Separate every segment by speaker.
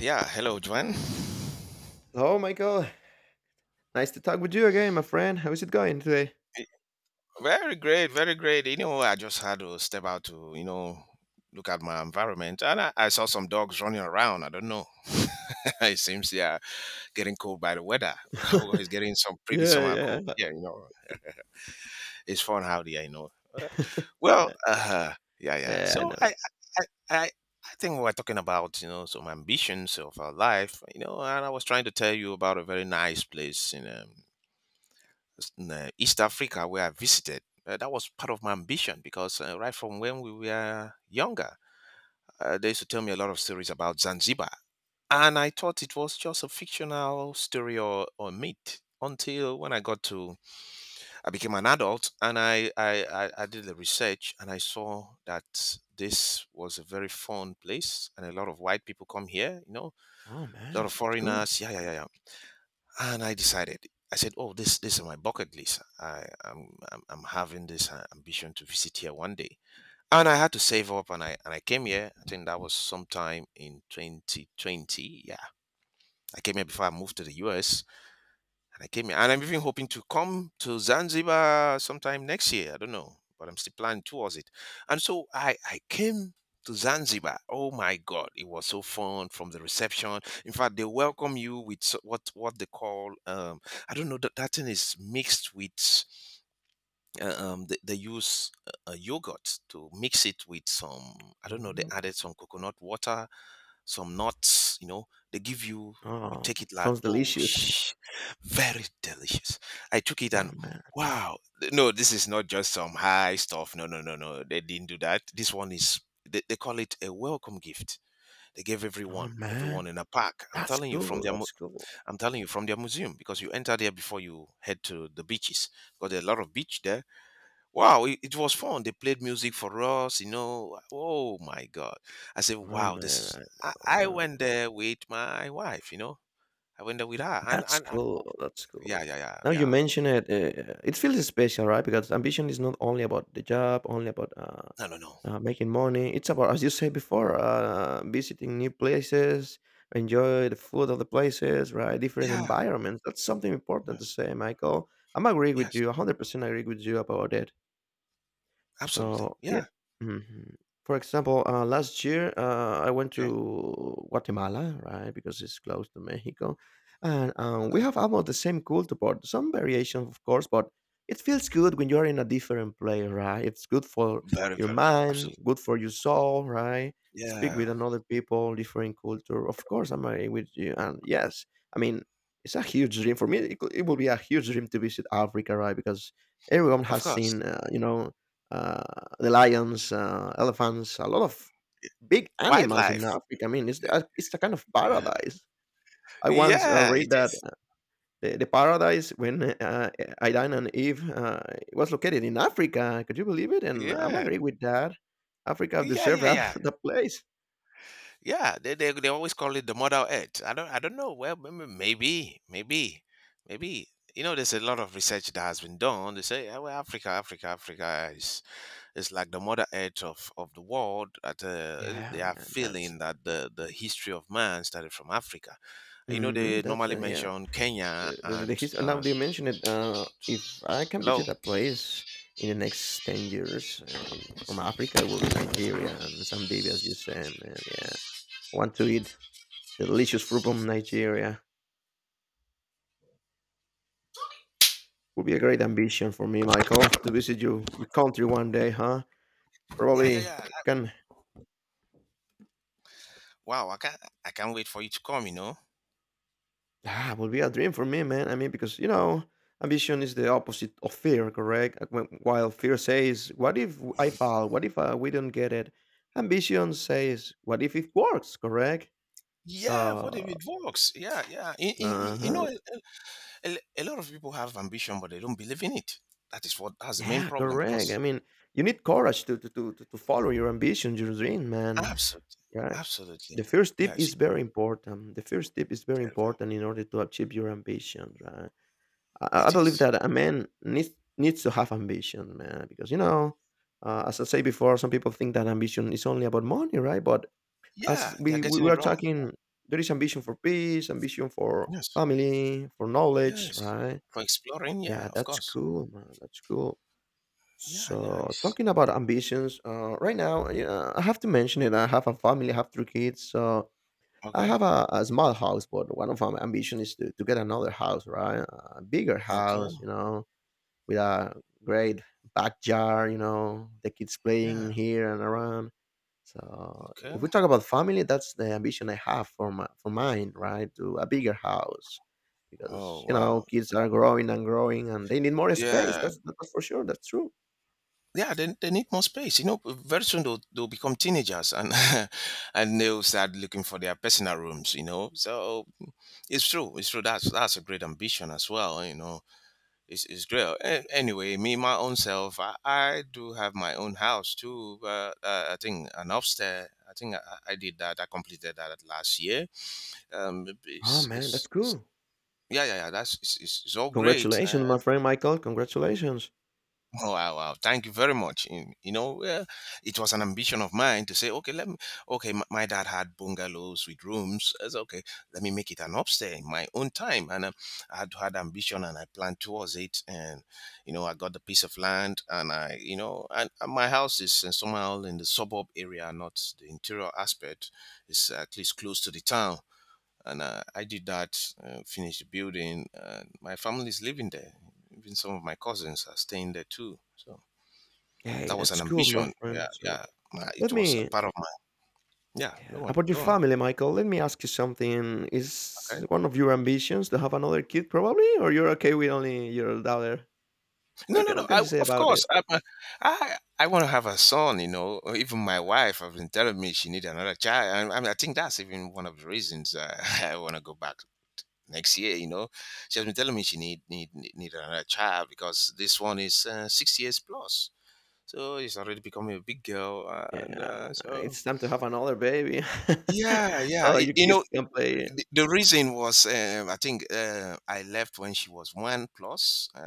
Speaker 1: Yeah, hello, Juan.
Speaker 2: Hello, Michael. Nice to talk with you again, my friend. How is it going today?
Speaker 1: Very great, very great. I just had to step out to, look at my environment, and I saw some dogs running around. I don't know. It seems they are getting cold by the weather. Or it's getting some pretty
Speaker 2: yeah,
Speaker 1: summer cold
Speaker 2: yeah.
Speaker 1: here. It's fun how they are.
Speaker 2: Nah,
Speaker 1: Yeah, yeah.
Speaker 2: yeah, I
Speaker 1: So
Speaker 2: know.
Speaker 1: I, I, I. I think we were talking about, some ambitions of our life, and I was trying to tell you about a very nice place in East Africa where I visited. That was part of my ambition because right from when we were younger, they used to tell me a lot of stories about Zanzibar. And I thought it was just a fictional story or myth until when I got to, I became an adult and I did the research and I saw that this was a very fun place and a lot of white people come here,
Speaker 2: Oh,
Speaker 1: a lot
Speaker 2: man.
Speaker 1: of
Speaker 2: That's cool.
Speaker 1: foreigners. Yeah, yeah, yeah, yeah and I decided. I said, "Oh, this is my bucket list. I, I'm having this ambition to visit here one day." And I had to save up, and I came here. I think that was sometime in 2020. Yeah, I came here before I moved to the US, and I came here. And I'm even hoping to come to Zanzibar sometime next year. I don't know, but I'm still planning towards it. And so I came to Zanzibar. Oh my God, it was so fun from the reception. In fact, they welcome you with what they call, I don't know that that thing is mixed with, they use yogurt to mix it with some, I don't know, they
Speaker 2: Mm.
Speaker 1: added some coconut water, some nuts, they give you, you
Speaker 2: Oh,
Speaker 1: take it like,
Speaker 2: sounds
Speaker 1: oh,
Speaker 2: delicious.
Speaker 1: very delicious. I took it and
Speaker 2: Oh, man.
Speaker 1: wow, no, this is not just some high stuff. No, no, no, no, they didn't do that. This one is, they call it a welcome gift. They gave
Speaker 2: Oh,
Speaker 1: everyone, everyone
Speaker 2: man.
Speaker 1: in a pack. I'm
Speaker 2: That's
Speaker 1: telling you from
Speaker 2: cool.
Speaker 1: their,
Speaker 2: That's cool.
Speaker 1: I'm telling you from their museum because you enter there before you head to the beaches. Got a lot of beach there. Wow, it was fun. They played music for us. Oh my God. I said,
Speaker 2: Oh,
Speaker 1: wow, this
Speaker 2: man.
Speaker 1: is.
Speaker 2: I
Speaker 1: I,
Speaker 2: know. I
Speaker 1: I
Speaker 2: know.
Speaker 1: went there with my wife. I went there with her. And,
Speaker 2: That's
Speaker 1: and
Speaker 2: cool.
Speaker 1: oh,
Speaker 2: That's
Speaker 1: yeah,
Speaker 2: cool.
Speaker 1: yeah, yeah,
Speaker 2: Now you
Speaker 1: yeah.
Speaker 2: mention it, it feels special, right? Because ambition is not only about the job, only about
Speaker 1: No, no, no.
Speaker 2: making money. It's about, as you said before, visiting new places, enjoy the food of the places, right? Different
Speaker 1: Yeah,
Speaker 2: environments. That's something
Speaker 1: yeah,
Speaker 2: important to say, Michael. I'm agree with
Speaker 1: yes,
Speaker 2: you. 100% agree with you about it.
Speaker 1: absolutely.
Speaker 2: So yeah.
Speaker 1: Yeah,
Speaker 2: Mhm. For example, last year I went
Speaker 1: okay,
Speaker 2: to Guatemala, right, because it's close to Mexico, and we
Speaker 1: okay.
Speaker 2: have almost the same culture, but some variation, of course. But it feels good when you're in a different place, right? It's good for
Speaker 1: Very,
Speaker 2: your
Speaker 1: very,
Speaker 2: mind,
Speaker 1: absolutely.
Speaker 2: good for your soul, right? Speak
Speaker 1: Yeah,
Speaker 2: with another people, different culture. Of course, I'm agree with you, and yes, I mean it's a huge dream for me. It will be a huge dream to visit Africa, right? Because everyone
Speaker 1: of
Speaker 2: has
Speaker 1: course.
Speaker 2: seen, uh, the lions, elephants, a lot of big animals
Speaker 1: Wildlife.
Speaker 2: in Africa. I mean, it's a kind of paradise. I once
Speaker 1: Yeah, it
Speaker 2: read that
Speaker 1: is.
Speaker 2: the paradise when Adam and Eve was located in Africa. Could you believe it? And I'm
Speaker 1: Yeah,
Speaker 2: agree with that. Africa
Speaker 1: yeah,
Speaker 2: deserved
Speaker 1: yeah,
Speaker 2: that
Speaker 1: yeah.
Speaker 2: the place.
Speaker 1: Yeah, they always call it the Mother Earth. I don't know. Well, maybe you know there's a lot of research that has been done. They say, "Ah, well, Africa, Africa, Africa is like the Mother Earth of the world." At
Speaker 2: Yeah,
Speaker 1: they are
Speaker 2: man, that's
Speaker 1: feeling that the history of man started from Africa. You know
Speaker 2: hmm
Speaker 1: they
Speaker 2: that's
Speaker 1: normally
Speaker 2: it. Yeah,
Speaker 1: mention Kenya
Speaker 2: the
Speaker 1: and
Speaker 2: history, now
Speaker 1: and
Speaker 2: that you mention it,
Speaker 1: God.
Speaker 2: if I can
Speaker 1: Hello.
Speaker 2: visit a place in the next 10 years from Africa, it will be Nigeria and Zambia, as you say, man. Yeah. I want to eat the delicious fruit from Nigeria. Would be a great ambition for me, Michael, to visit you, your country one day, huh?
Speaker 1: Yeah, yeah,
Speaker 2: Probably
Speaker 1: yeah.
Speaker 2: can.
Speaker 1: Wow, I can't wait for you to come. You know.
Speaker 2: Ah, would be a dream for me, man. I mean, because ambition is the opposite of fear, correct? While fear says, "What if I fall? What if we don't get it?" Ambition says, "What if it works?" Correct?
Speaker 1: Yeah, what if
Speaker 2: So.
Speaker 1: it works? Yeah, yeah.
Speaker 2: Uh-huh.
Speaker 1: A lot of people have ambition, but they don't believe in it. That is what has the main
Speaker 2: Yeah,
Speaker 1: problem
Speaker 2: correct.
Speaker 1: because
Speaker 2: I mean, you need courage to follow your ambition, your dream, man.
Speaker 1: absolutely,
Speaker 2: Right?
Speaker 1: absolutely,
Speaker 2: The first tip
Speaker 1: yeah, it's
Speaker 2: is very important. The first tip is very
Speaker 1: very, very-
Speaker 2: important in order to achieve your ambition, right? I
Speaker 1: it
Speaker 2: believe
Speaker 1: is.
Speaker 2: that a man needs to have ambition, man, because as I say before, some people think that ambition is only about money, right? But as
Speaker 1: Yeah, they are
Speaker 2: we we
Speaker 1: getting
Speaker 2: we
Speaker 1: it
Speaker 2: are
Speaker 1: wrong.
Speaker 2: talking, there is ambition for peace, ambition for
Speaker 1: Yes,
Speaker 2: family, for knowledge,
Speaker 1: yes,
Speaker 2: right?
Speaker 1: for exploring. Yeah,
Speaker 2: Yeah,
Speaker 1: of
Speaker 2: that's
Speaker 1: course.
Speaker 2: cool, man. That's cool.
Speaker 1: Yeah, yeah.
Speaker 2: So
Speaker 1: It's,
Speaker 2: talking about ambitions, right now, yeah, I have to mention it. I have a family, I have three kids, so I
Speaker 1: okay,
Speaker 2: have a small house, but one of my ambition is to get another house, right? A bigger house,
Speaker 1: okay,
Speaker 2: with a great backyard. The kids
Speaker 1: yeah,
Speaker 2: playing here and around. So if
Speaker 1: okay.
Speaker 2: we talk about family, that's the ambition I have for mine, right? To a bigger house,
Speaker 1: Oh
Speaker 2: because
Speaker 1: wow,
Speaker 2: kids are growing and growing, and they need more space.
Speaker 1: yeah,
Speaker 2: That's for sure. That's true.
Speaker 1: yeah. They need more space. Very soon they'll become teenagers and and they'll start looking for their personal rooms. So it's true. It's true. That's a great ambition as well. It's great. Anyway, me, my own self, I do have my own house too, but I think an upstairs, I think I did that. I completed that last year. Um,
Speaker 2: Oh
Speaker 1: it's,
Speaker 2: man, that's
Speaker 1: it's, it's,
Speaker 2: cool.
Speaker 1: yeah, yeah, yeah. That's it's all great.
Speaker 2: Congratulations, my
Speaker 1: Uh,
Speaker 2: friend Michael. Congratulations.
Speaker 1: Oh, wow, wow. Thank you very much. It was an ambition of mine to say, okay, let me, okay, my dad had bungalows with rooms. I said, okay, let me make it an upstay in my own time. And I had had ambition and I planned towards it. And, I got the piece of land and I, and, my house is somehow in the suburb area, not the interior aspect. It's at least close to the town and I did that, finished building. And my family is living there. Even some of my cousins are staying there too. So
Speaker 2: Hey,
Speaker 1: that was an
Speaker 2: that's cool, my
Speaker 1: ambition.
Speaker 2: friend.
Speaker 1: Yeah,
Speaker 2: So
Speaker 1: yeah.
Speaker 2: let
Speaker 1: It was a
Speaker 2: me.
Speaker 1: part of my. Yeah, don't
Speaker 2: Yeah.
Speaker 1: worry.
Speaker 2: About your
Speaker 1: Go on.
Speaker 2: family, Michael, let me ask you something.
Speaker 1: Okay.
Speaker 2: Is one of your ambitions to have another kid, probably, or you're okay with only your daughter?
Speaker 1: No,
Speaker 2: What
Speaker 1: no,
Speaker 2: can,
Speaker 1: no.
Speaker 2: what can
Speaker 1: I,
Speaker 2: you say
Speaker 1: of
Speaker 2: about
Speaker 1: course,
Speaker 2: it?
Speaker 1: I, I, I want to have a son. Or even my wife has been telling me she needs another child. I mean, I think that's even one of the reasons I want to go back next year. She has been telling me she need another child because this one is 6 years plus. So she's already becoming a big girl, and
Speaker 2: Yeah,
Speaker 1: so
Speaker 2: it's time to have another baby,
Speaker 1: yeah, yeah.
Speaker 2: so
Speaker 1: Y-
Speaker 2: your
Speaker 1: you
Speaker 2: kid
Speaker 1: know,
Speaker 2: can play.
Speaker 1: the, the reason was, I think, I left when she was one plus. Uh,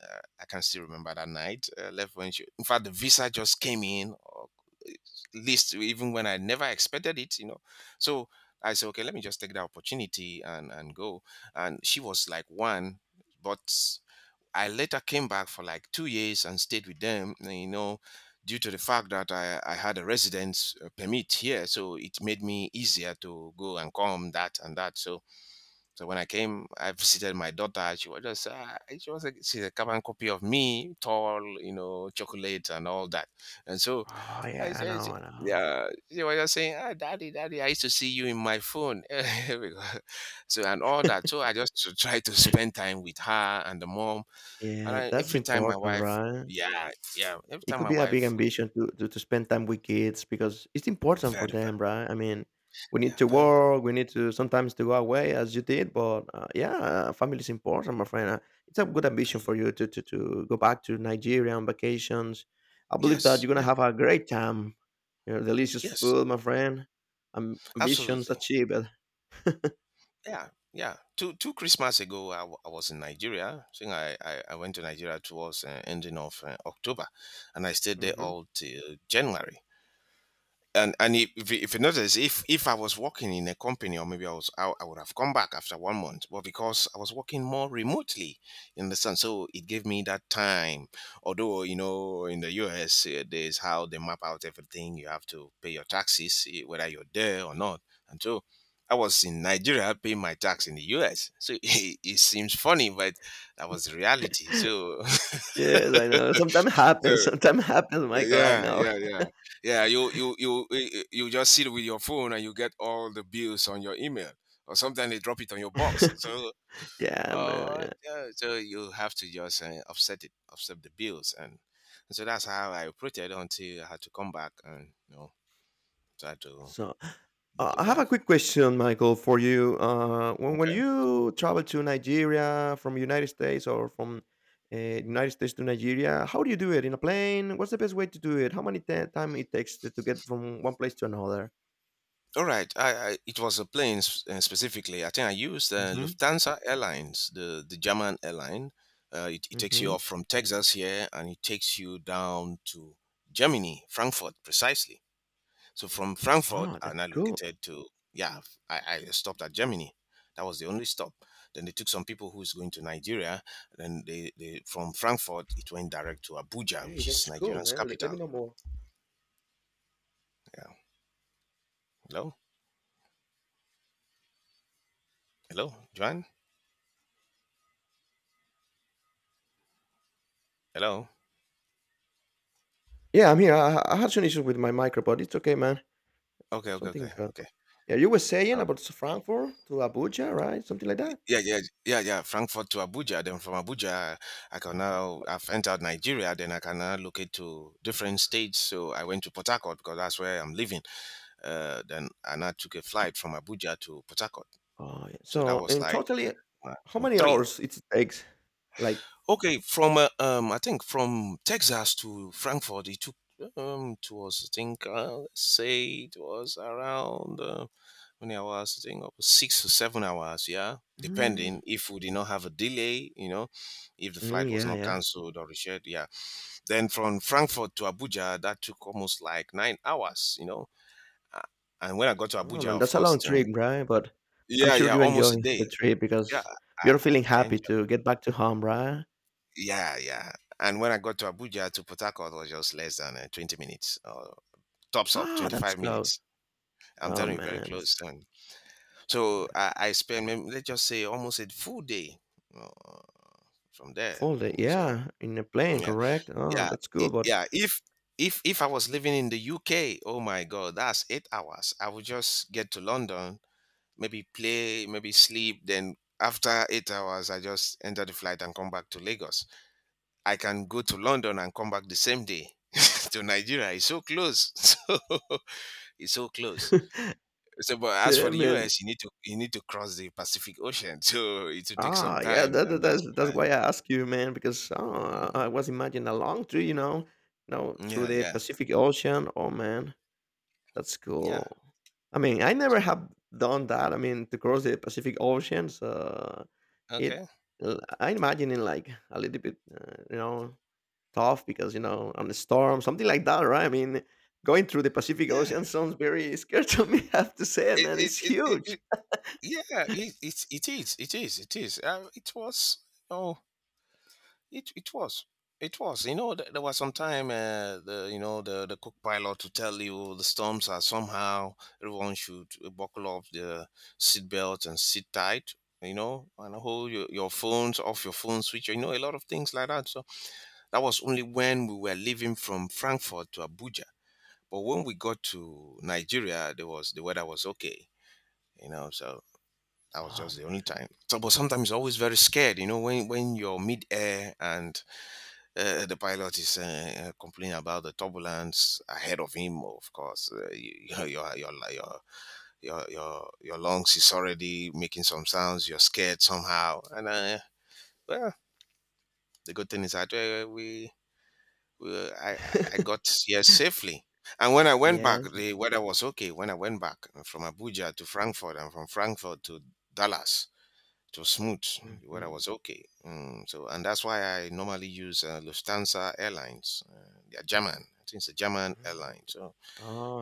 Speaker 1: uh, I can still remember that night. Left when she, in fact, the visa just came in, or list even when I never expected it. So I said, okay, let me just take the opportunity and go. And she was like one, but. I later came back for like 2 years and stayed with them. Due to the fact that I had a residence permit here, so it made me easier to go and come that and that. So when I came, I visited my daughter. She was just she's a carbon copy of me, tall, chocolate and all that. And so
Speaker 2: Oh
Speaker 1: I
Speaker 2: yeah, I
Speaker 1: said.
Speaker 2: know, I know.
Speaker 1: Yeah, she was just saying, ah, "Daddy, Daddy, I used to see you in my phone," Because- so and all that. So I just to try to spend time with her and the mom and
Speaker 2: Yeah,
Speaker 1: I,
Speaker 2: that's
Speaker 1: every time my
Speaker 2: important,
Speaker 1: wife,
Speaker 2: right?
Speaker 1: yeah, yeah, every
Speaker 2: It
Speaker 1: time
Speaker 2: could
Speaker 1: my
Speaker 2: be a big
Speaker 1: wife,
Speaker 2: ambition to spend time with kids because it's important for
Speaker 1: very, very,
Speaker 2: them, right? I mean, we need
Speaker 1: yeah,
Speaker 2: to
Speaker 1: very, very,
Speaker 2: work, we need to sometimes to go away as you did, but yeah, family is important, my friend. It's a good ambition
Speaker 1: very,
Speaker 2: for you to go back to Nigeria on vacations. I believe that
Speaker 1: yes,
Speaker 2: you're gonna
Speaker 1: yeah,
Speaker 2: have a great time. Delicious
Speaker 1: yes,
Speaker 2: food, my friend. Ambitions
Speaker 1: absolutely,
Speaker 2: achieved.
Speaker 1: yeah, yeah. Two Christmas ago, I was in Nigeria. I think I went to Nigeria towards ending of October, and I stayed there
Speaker 2: Hmm.
Speaker 1: all till January. And if you notice if I was working in a company or maybe I would have come back after one month, but because I was working more remotely, you understand, so it gave me that time, although in the US, there's how they map out everything. You have to pay your taxes, whether you're there or not, and so I was in Nigeria paying my tax in the US, so it seems funny but that was the reality so
Speaker 2: Yes, I know. Sometimes
Speaker 1: so
Speaker 2: happens. Sometimes happens, Michael. I
Speaker 1: yeah,
Speaker 2: know.
Speaker 1: yeah, yeah, yeah. You just sit with your phone and you get all the bills on your email, or sometimes they drop it on your box. So,
Speaker 2: Yeah, man. Yeah.
Speaker 1: yeah, so you have to just offset the bills, and so that's how I operated until I had to come back and try to
Speaker 2: So
Speaker 1: live
Speaker 2: Uh,
Speaker 1: the
Speaker 2: I have a
Speaker 1: life.
Speaker 2: quick question, Michael, for you. When
Speaker 1: Okay.
Speaker 2: you travel to Nigeria from United States or from United States to Nigeria, how do you do it? In a plane? What's the best way to do it? How many time it takes to get from one place to another?
Speaker 1: All right, I it was a plane, specifically. I think I used
Speaker 2: Mm-hmm.
Speaker 1: Lufthansa Airlines, the German airline. It takes you
Speaker 2: Mm-hmm.
Speaker 1: off from Texas here, and it takes you down to Germany, Frankfurt, precisely. So from Frankfurt,
Speaker 2: Ah,
Speaker 1: and I
Speaker 2: that's cool.
Speaker 1: located to yeah, I stopped at Germany. That was the only stop. Then they took some people who's going to Nigeria. Then they from Frankfurt, it went direct to Abuja,
Speaker 2: Hey,
Speaker 1: which is
Speaker 2: that's cool,
Speaker 1: Nigeria's
Speaker 2: man. Let
Speaker 1: capital.
Speaker 2: me know more.
Speaker 1: Yeah. Hello, hello, Joanne. Hello.
Speaker 2: Yeah, I'm here. I had some issues with my micro, but it's okay, man.
Speaker 1: Okay,
Speaker 2: It's
Speaker 1: okay, okay,
Speaker 2: something.
Speaker 1: okay.
Speaker 2: Yeah, you were saying about Frankfurt to Abuja, right? Something like that.
Speaker 1: Yeah, yeah, yeah, yeah. Frankfurt to Abuja. Then from Abuja, I can now I've entered Nigeria. Then I can now locate to different states. So I went to Port Harcourt because that's where I'm living. Then I now took a flight from Abuja to Port Harcourt.
Speaker 2: Oh, yeah.
Speaker 1: So that
Speaker 2: So,
Speaker 1: was
Speaker 2: in
Speaker 1: like,
Speaker 2: totally,
Speaker 1: uh,
Speaker 2: how many
Speaker 1: three.
Speaker 2: hours it takes? Like,
Speaker 1: Okay, from, I think from Texas to Frankfurt, it took, it was, I think, let's say it was around, many hours. I think up to 6 or 7 hours. Yeah,
Speaker 2: mm,
Speaker 1: depending if we did not have a delay, if the
Speaker 2: Mm,
Speaker 1: flight was
Speaker 2: yeah,
Speaker 1: not
Speaker 2: yeah.
Speaker 1: cancelled or rescheduled. Yeah, then from Frankfurt to Abuja, that took almost like 9 hours. Uh, and when I got to
Speaker 2: Oh
Speaker 1: Abuja,
Speaker 2: man,
Speaker 1: of
Speaker 2: that's a
Speaker 1: course,
Speaker 2: long trip, right? But I'm
Speaker 1: yeah,
Speaker 2: sure
Speaker 1: yeah,
Speaker 2: you
Speaker 1: almost
Speaker 2: enjoy
Speaker 1: a
Speaker 2: the
Speaker 1: day.
Speaker 2: trip
Speaker 1: Yeah,
Speaker 2: because
Speaker 1: I
Speaker 2: you're feeling
Speaker 1: I enjoyed.
Speaker 2: happy to get back to home, right?
Speaker 1: Yeah, yeah. And when I got to Abuja to Port Harcourt was just less than 20 minutes, or tops up
Speaker 2: Ah, that's
Speaker 1: 25
Speaker 2: close.
Speaker 1: minutes. I'm
Speaker 2: Oh
Speaker 1: telling you, very
Speaker 2: man,
Speaker 1: close. And so
Speaker 2: yeah.
Speaker 1: I spent, maybe, let's just say, almost a full day uh, from there.
Speaker 2: Full day,
Speaker 1: And so,
Speaker 2: yeah, in a plane,
Speaker 1: yeah,
Speaker 2: correct? Oh,
Speaker 1: yeah,
Speaker 2: that's cool, but
Speaker 1: yeah. If I was living in the UK, oh my God, that's 8 hours. I would just get to London, maybe play, maybe sleep. Then after 8 hours, I just enter the flight and come back to Lagos. I can go to London and come back the same day to Nigeria. It's so close. So it's so close. So, but as
Speaker 2: yeah,
Speaker 1: for the
Speaker 2: man.
Speaker 1: US, you need to cross the Pacific Ocean, so it will take some
Speaker 2: Ah, yeah,
Speaker 1: time,
Speaker 2: that, that-
Speaker 1: and that's
Speaker 2: that's that's
Speaker 1: why.
Speaker 2: why I ask you, man, because oh, I
Speaker 1: Mm.
Speaker 2: I was imagining a long trip, through
Speaker 1: Yeah,
Speaker 2: the
Speaker 1: yeah,
Speaker 2: Pacific Ocean. Oh man, that's
Speaker 1: yeah.
Speaker 2: cool. I mean, I
Speaker 1: So,
Speaker 2: never have done that. I mean, to cross the Pacific Ocean, so it
Speaker 1: okay.
Speaker 2: I imagine it like a little bit, tough because on the storm, something like that, right? I mean, going through the Pacific
Speaker 1: Yeah.
Speaker 2: Ocean sounds very scary to me. I have to say,
Speaker 1: It
Speaker 2: man,
Speaker 1: it
Speaker 2: it's
Speaker 1: it, it,
Speaker 2: huge.
Speaker 1: it yeah. It is. It is. It was. Oh, it was. It was. You know, there was some time, the you know the cook pilot to tell you the storms are somehow everyone should buckle up the seat belt and sit tight. You know, and hold your phones off your phone switch. You know, a lot of things like that. So that was only when we were leaving from Frankfurt to Abuja. But when we got to Nigeria, the weather was okay. You know, so that was
Speaker 2: Oh
Speaker 1: just the only
Speaker 2: man.
Speaker 1: time. So, but sometimes you're always very scared. You know, when you're mid air and the pilot is complaining about the turbulence ahead of him. Of course, your, your your your lungs is already making some sounds. You're scared somehow, and well, the good thing is that we I got here safely. And when I went back,
Speaker 2: Yes.
Speaker 1: the weather was okay. When I went back from Abuja to Frankfurt and from Frankfurt to Dallas, it was smooth. The weather
Speaker 2: Hmm.
Speaker 1: was okay. Mm, so, and that's why I normally use Lufthansa Airlines. They're German. I think it's a German airline. So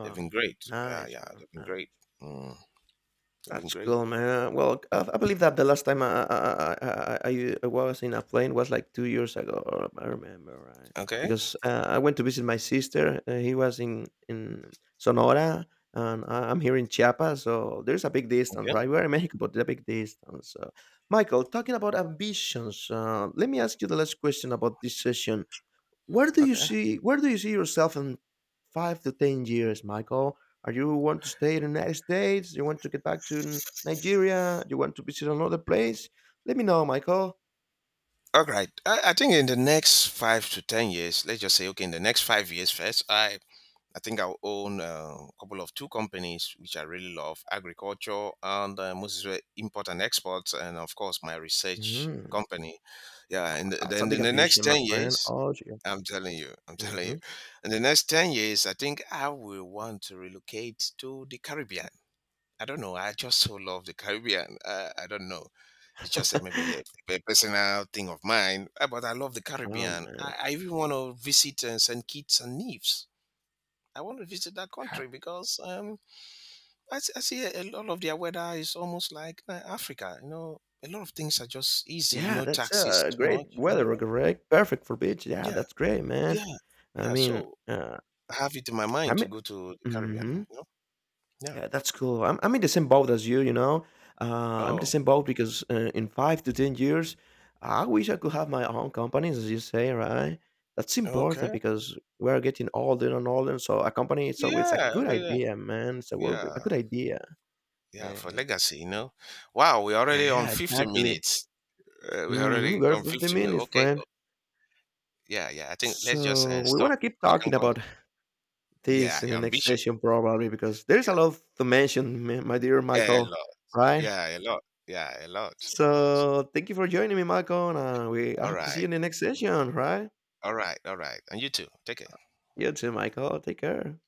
Speaker 1: they've been great. Yeah,
Speaker 2: nice,
Speaker 1: yeah,
Speaker 2: man.
Speaker 1: they've been
Speaker 2: Nice.
Speaker 1: great. Mm, they've been
Speaker 2: That's
Speaker 1: great.
Speaker 2: cool, man. Well, I believe that the last time I was in a plane was like 2 years ago. Or I remember, right?
Speaker 1: Okay,
Speaker 2: Because I went to visit my sister. He was in Sonora, and I'm here in Chiapas. So there's a big distance,
Speaker 1: okay,
Speaker 2: right? We're in Mexico, but there's a big distance. So, Michael, talking about ambitions, let me ask you the last question about this session.
Speaker 1: okay.
Speaker 2: Where do you see yourself in 5 to 10 years, Michael? Are you want to stay in the United States? You want to get back to Nigeria? You want to visit another place? Let me know, Michael.
Speaker 1: All right. I think in the next 5 to 10 years, let's just say, okay, in the next 5 years first, I think I own a couple of two companies which I really love: agriculture and mostly import and export, and of course my research
Speaker 2: Mm,
Speaker 1: company. Yeah, and
Speaker 2: that's
Speaker 1: then
Speaker 2: a big
Speaker 1: in the next
Speaker 2: ambition, my
Speaker 1: ten
Speaker 2: friend.
Speaker 1: years,
Speaker 2: Oh, yeah.
Speaker 1: I'm telling you, I'm telling you,
Speaker 2: Hmm.
Speaker 1: in the next 10 years, I think I will want to relocate to the Caribbean. I don't know. I just so love the Caribbean. I don't know. It's just a, maybe a personal thing of mine, but I love the
Speaker 2: Oh
Speaker 1: Caribbean.
Speaker 2: man.
Speaker 1: I even want to visit St. Kitts and Nevis. I want to visit that country because I see a lot of their weather is almost like Africa. You know, a lot of things are just easy.
Speaker 2: Yeah,
Speaker 1: No
Speaker 2: that's
Speaker 1: taxes too much.
Speaker 2: great
Speaker 1: In
Speaker 2: weather,
Speaker 1: the
Speaker 2: correct? Perfect for beach. Yeah,
Speaker 1: yeah,
Speaker 2: that's great, man.
Speaker 1: yeah,
Speaker 2: I
Speaker 1: yeah.
Speaker 2: mean,
Speaker 1: So
Speaker 2: uh,
Speaker 1: I have it in my
Speaker 2: I
Speaker 1: mind to
Speaker 2: mean,
Speaker 1: go to the Caribbean.
Speaker 2: mhm.
Speaker 1: You know? Yeah.
Speaker 2: Yeah, that's cool. I'm in the same boat as you, you know. I'm in the
Speaker 1: Oh,
Speaker 2: same boat because in five to 10 years, I wish I could have my own companies, as you say, right? That's important
Speaker 1: okay.
Speaker 2: because we're getting older and older. So a company, it's always a
Speaker 1: Yeah,
Speaker 2: good
Speaker 1: everything.
Speaker 2: idea, man. It's a
Speaker 1: Yeah,
Speaker 2: good idea.
Speaker 1: yeah.
Speaker 2: Yeah,
Speaker 1: For legacy, you know. Wow, we're already on
Speaker 2: yeah
Speaker 1: 50
Speaker 2: exactly.
Speaker 1: minutes. We're already
Speaker 2: We're
Speaker 1: on
Speaker 2: 50
Speaker 1: 50 minutes.
Speaker 2: minutes,
Speaker 1: Okay.
Speaker 2: friend.
Speaker 1: Oh, yeah, yeah. I think let's just
Speaker 2: So we
Speaker 1: stop.
Speaker 2: want to keep
Speaker 1: We can
Speaker 2: talking about
Speaker 1: continue. Yeah,
Speaker 2: this in
Speaker 1: yeah,
Speaker 2: the next
Speaker 1: ambition.
Speaker 2: session, probably, because there's a lot to mention, my dear
Speaker 1: Yeah.
Speaker 2: Michael,
Speaker 1: Hello.
Speaker 2: right?
Speaker 1: Yeah, a lot. Yeah, a lot, a lot.
Speaker 2: So thank you for joining me, Michael, and we I
Speaker 1: All
Speaker 2: hope to see you
Speaker 1: right,
Speaker 2: in the next session, right?
Speaker 1: all right, all right. And you too. Take care.
Speaker 2: You too, Michael. Take care.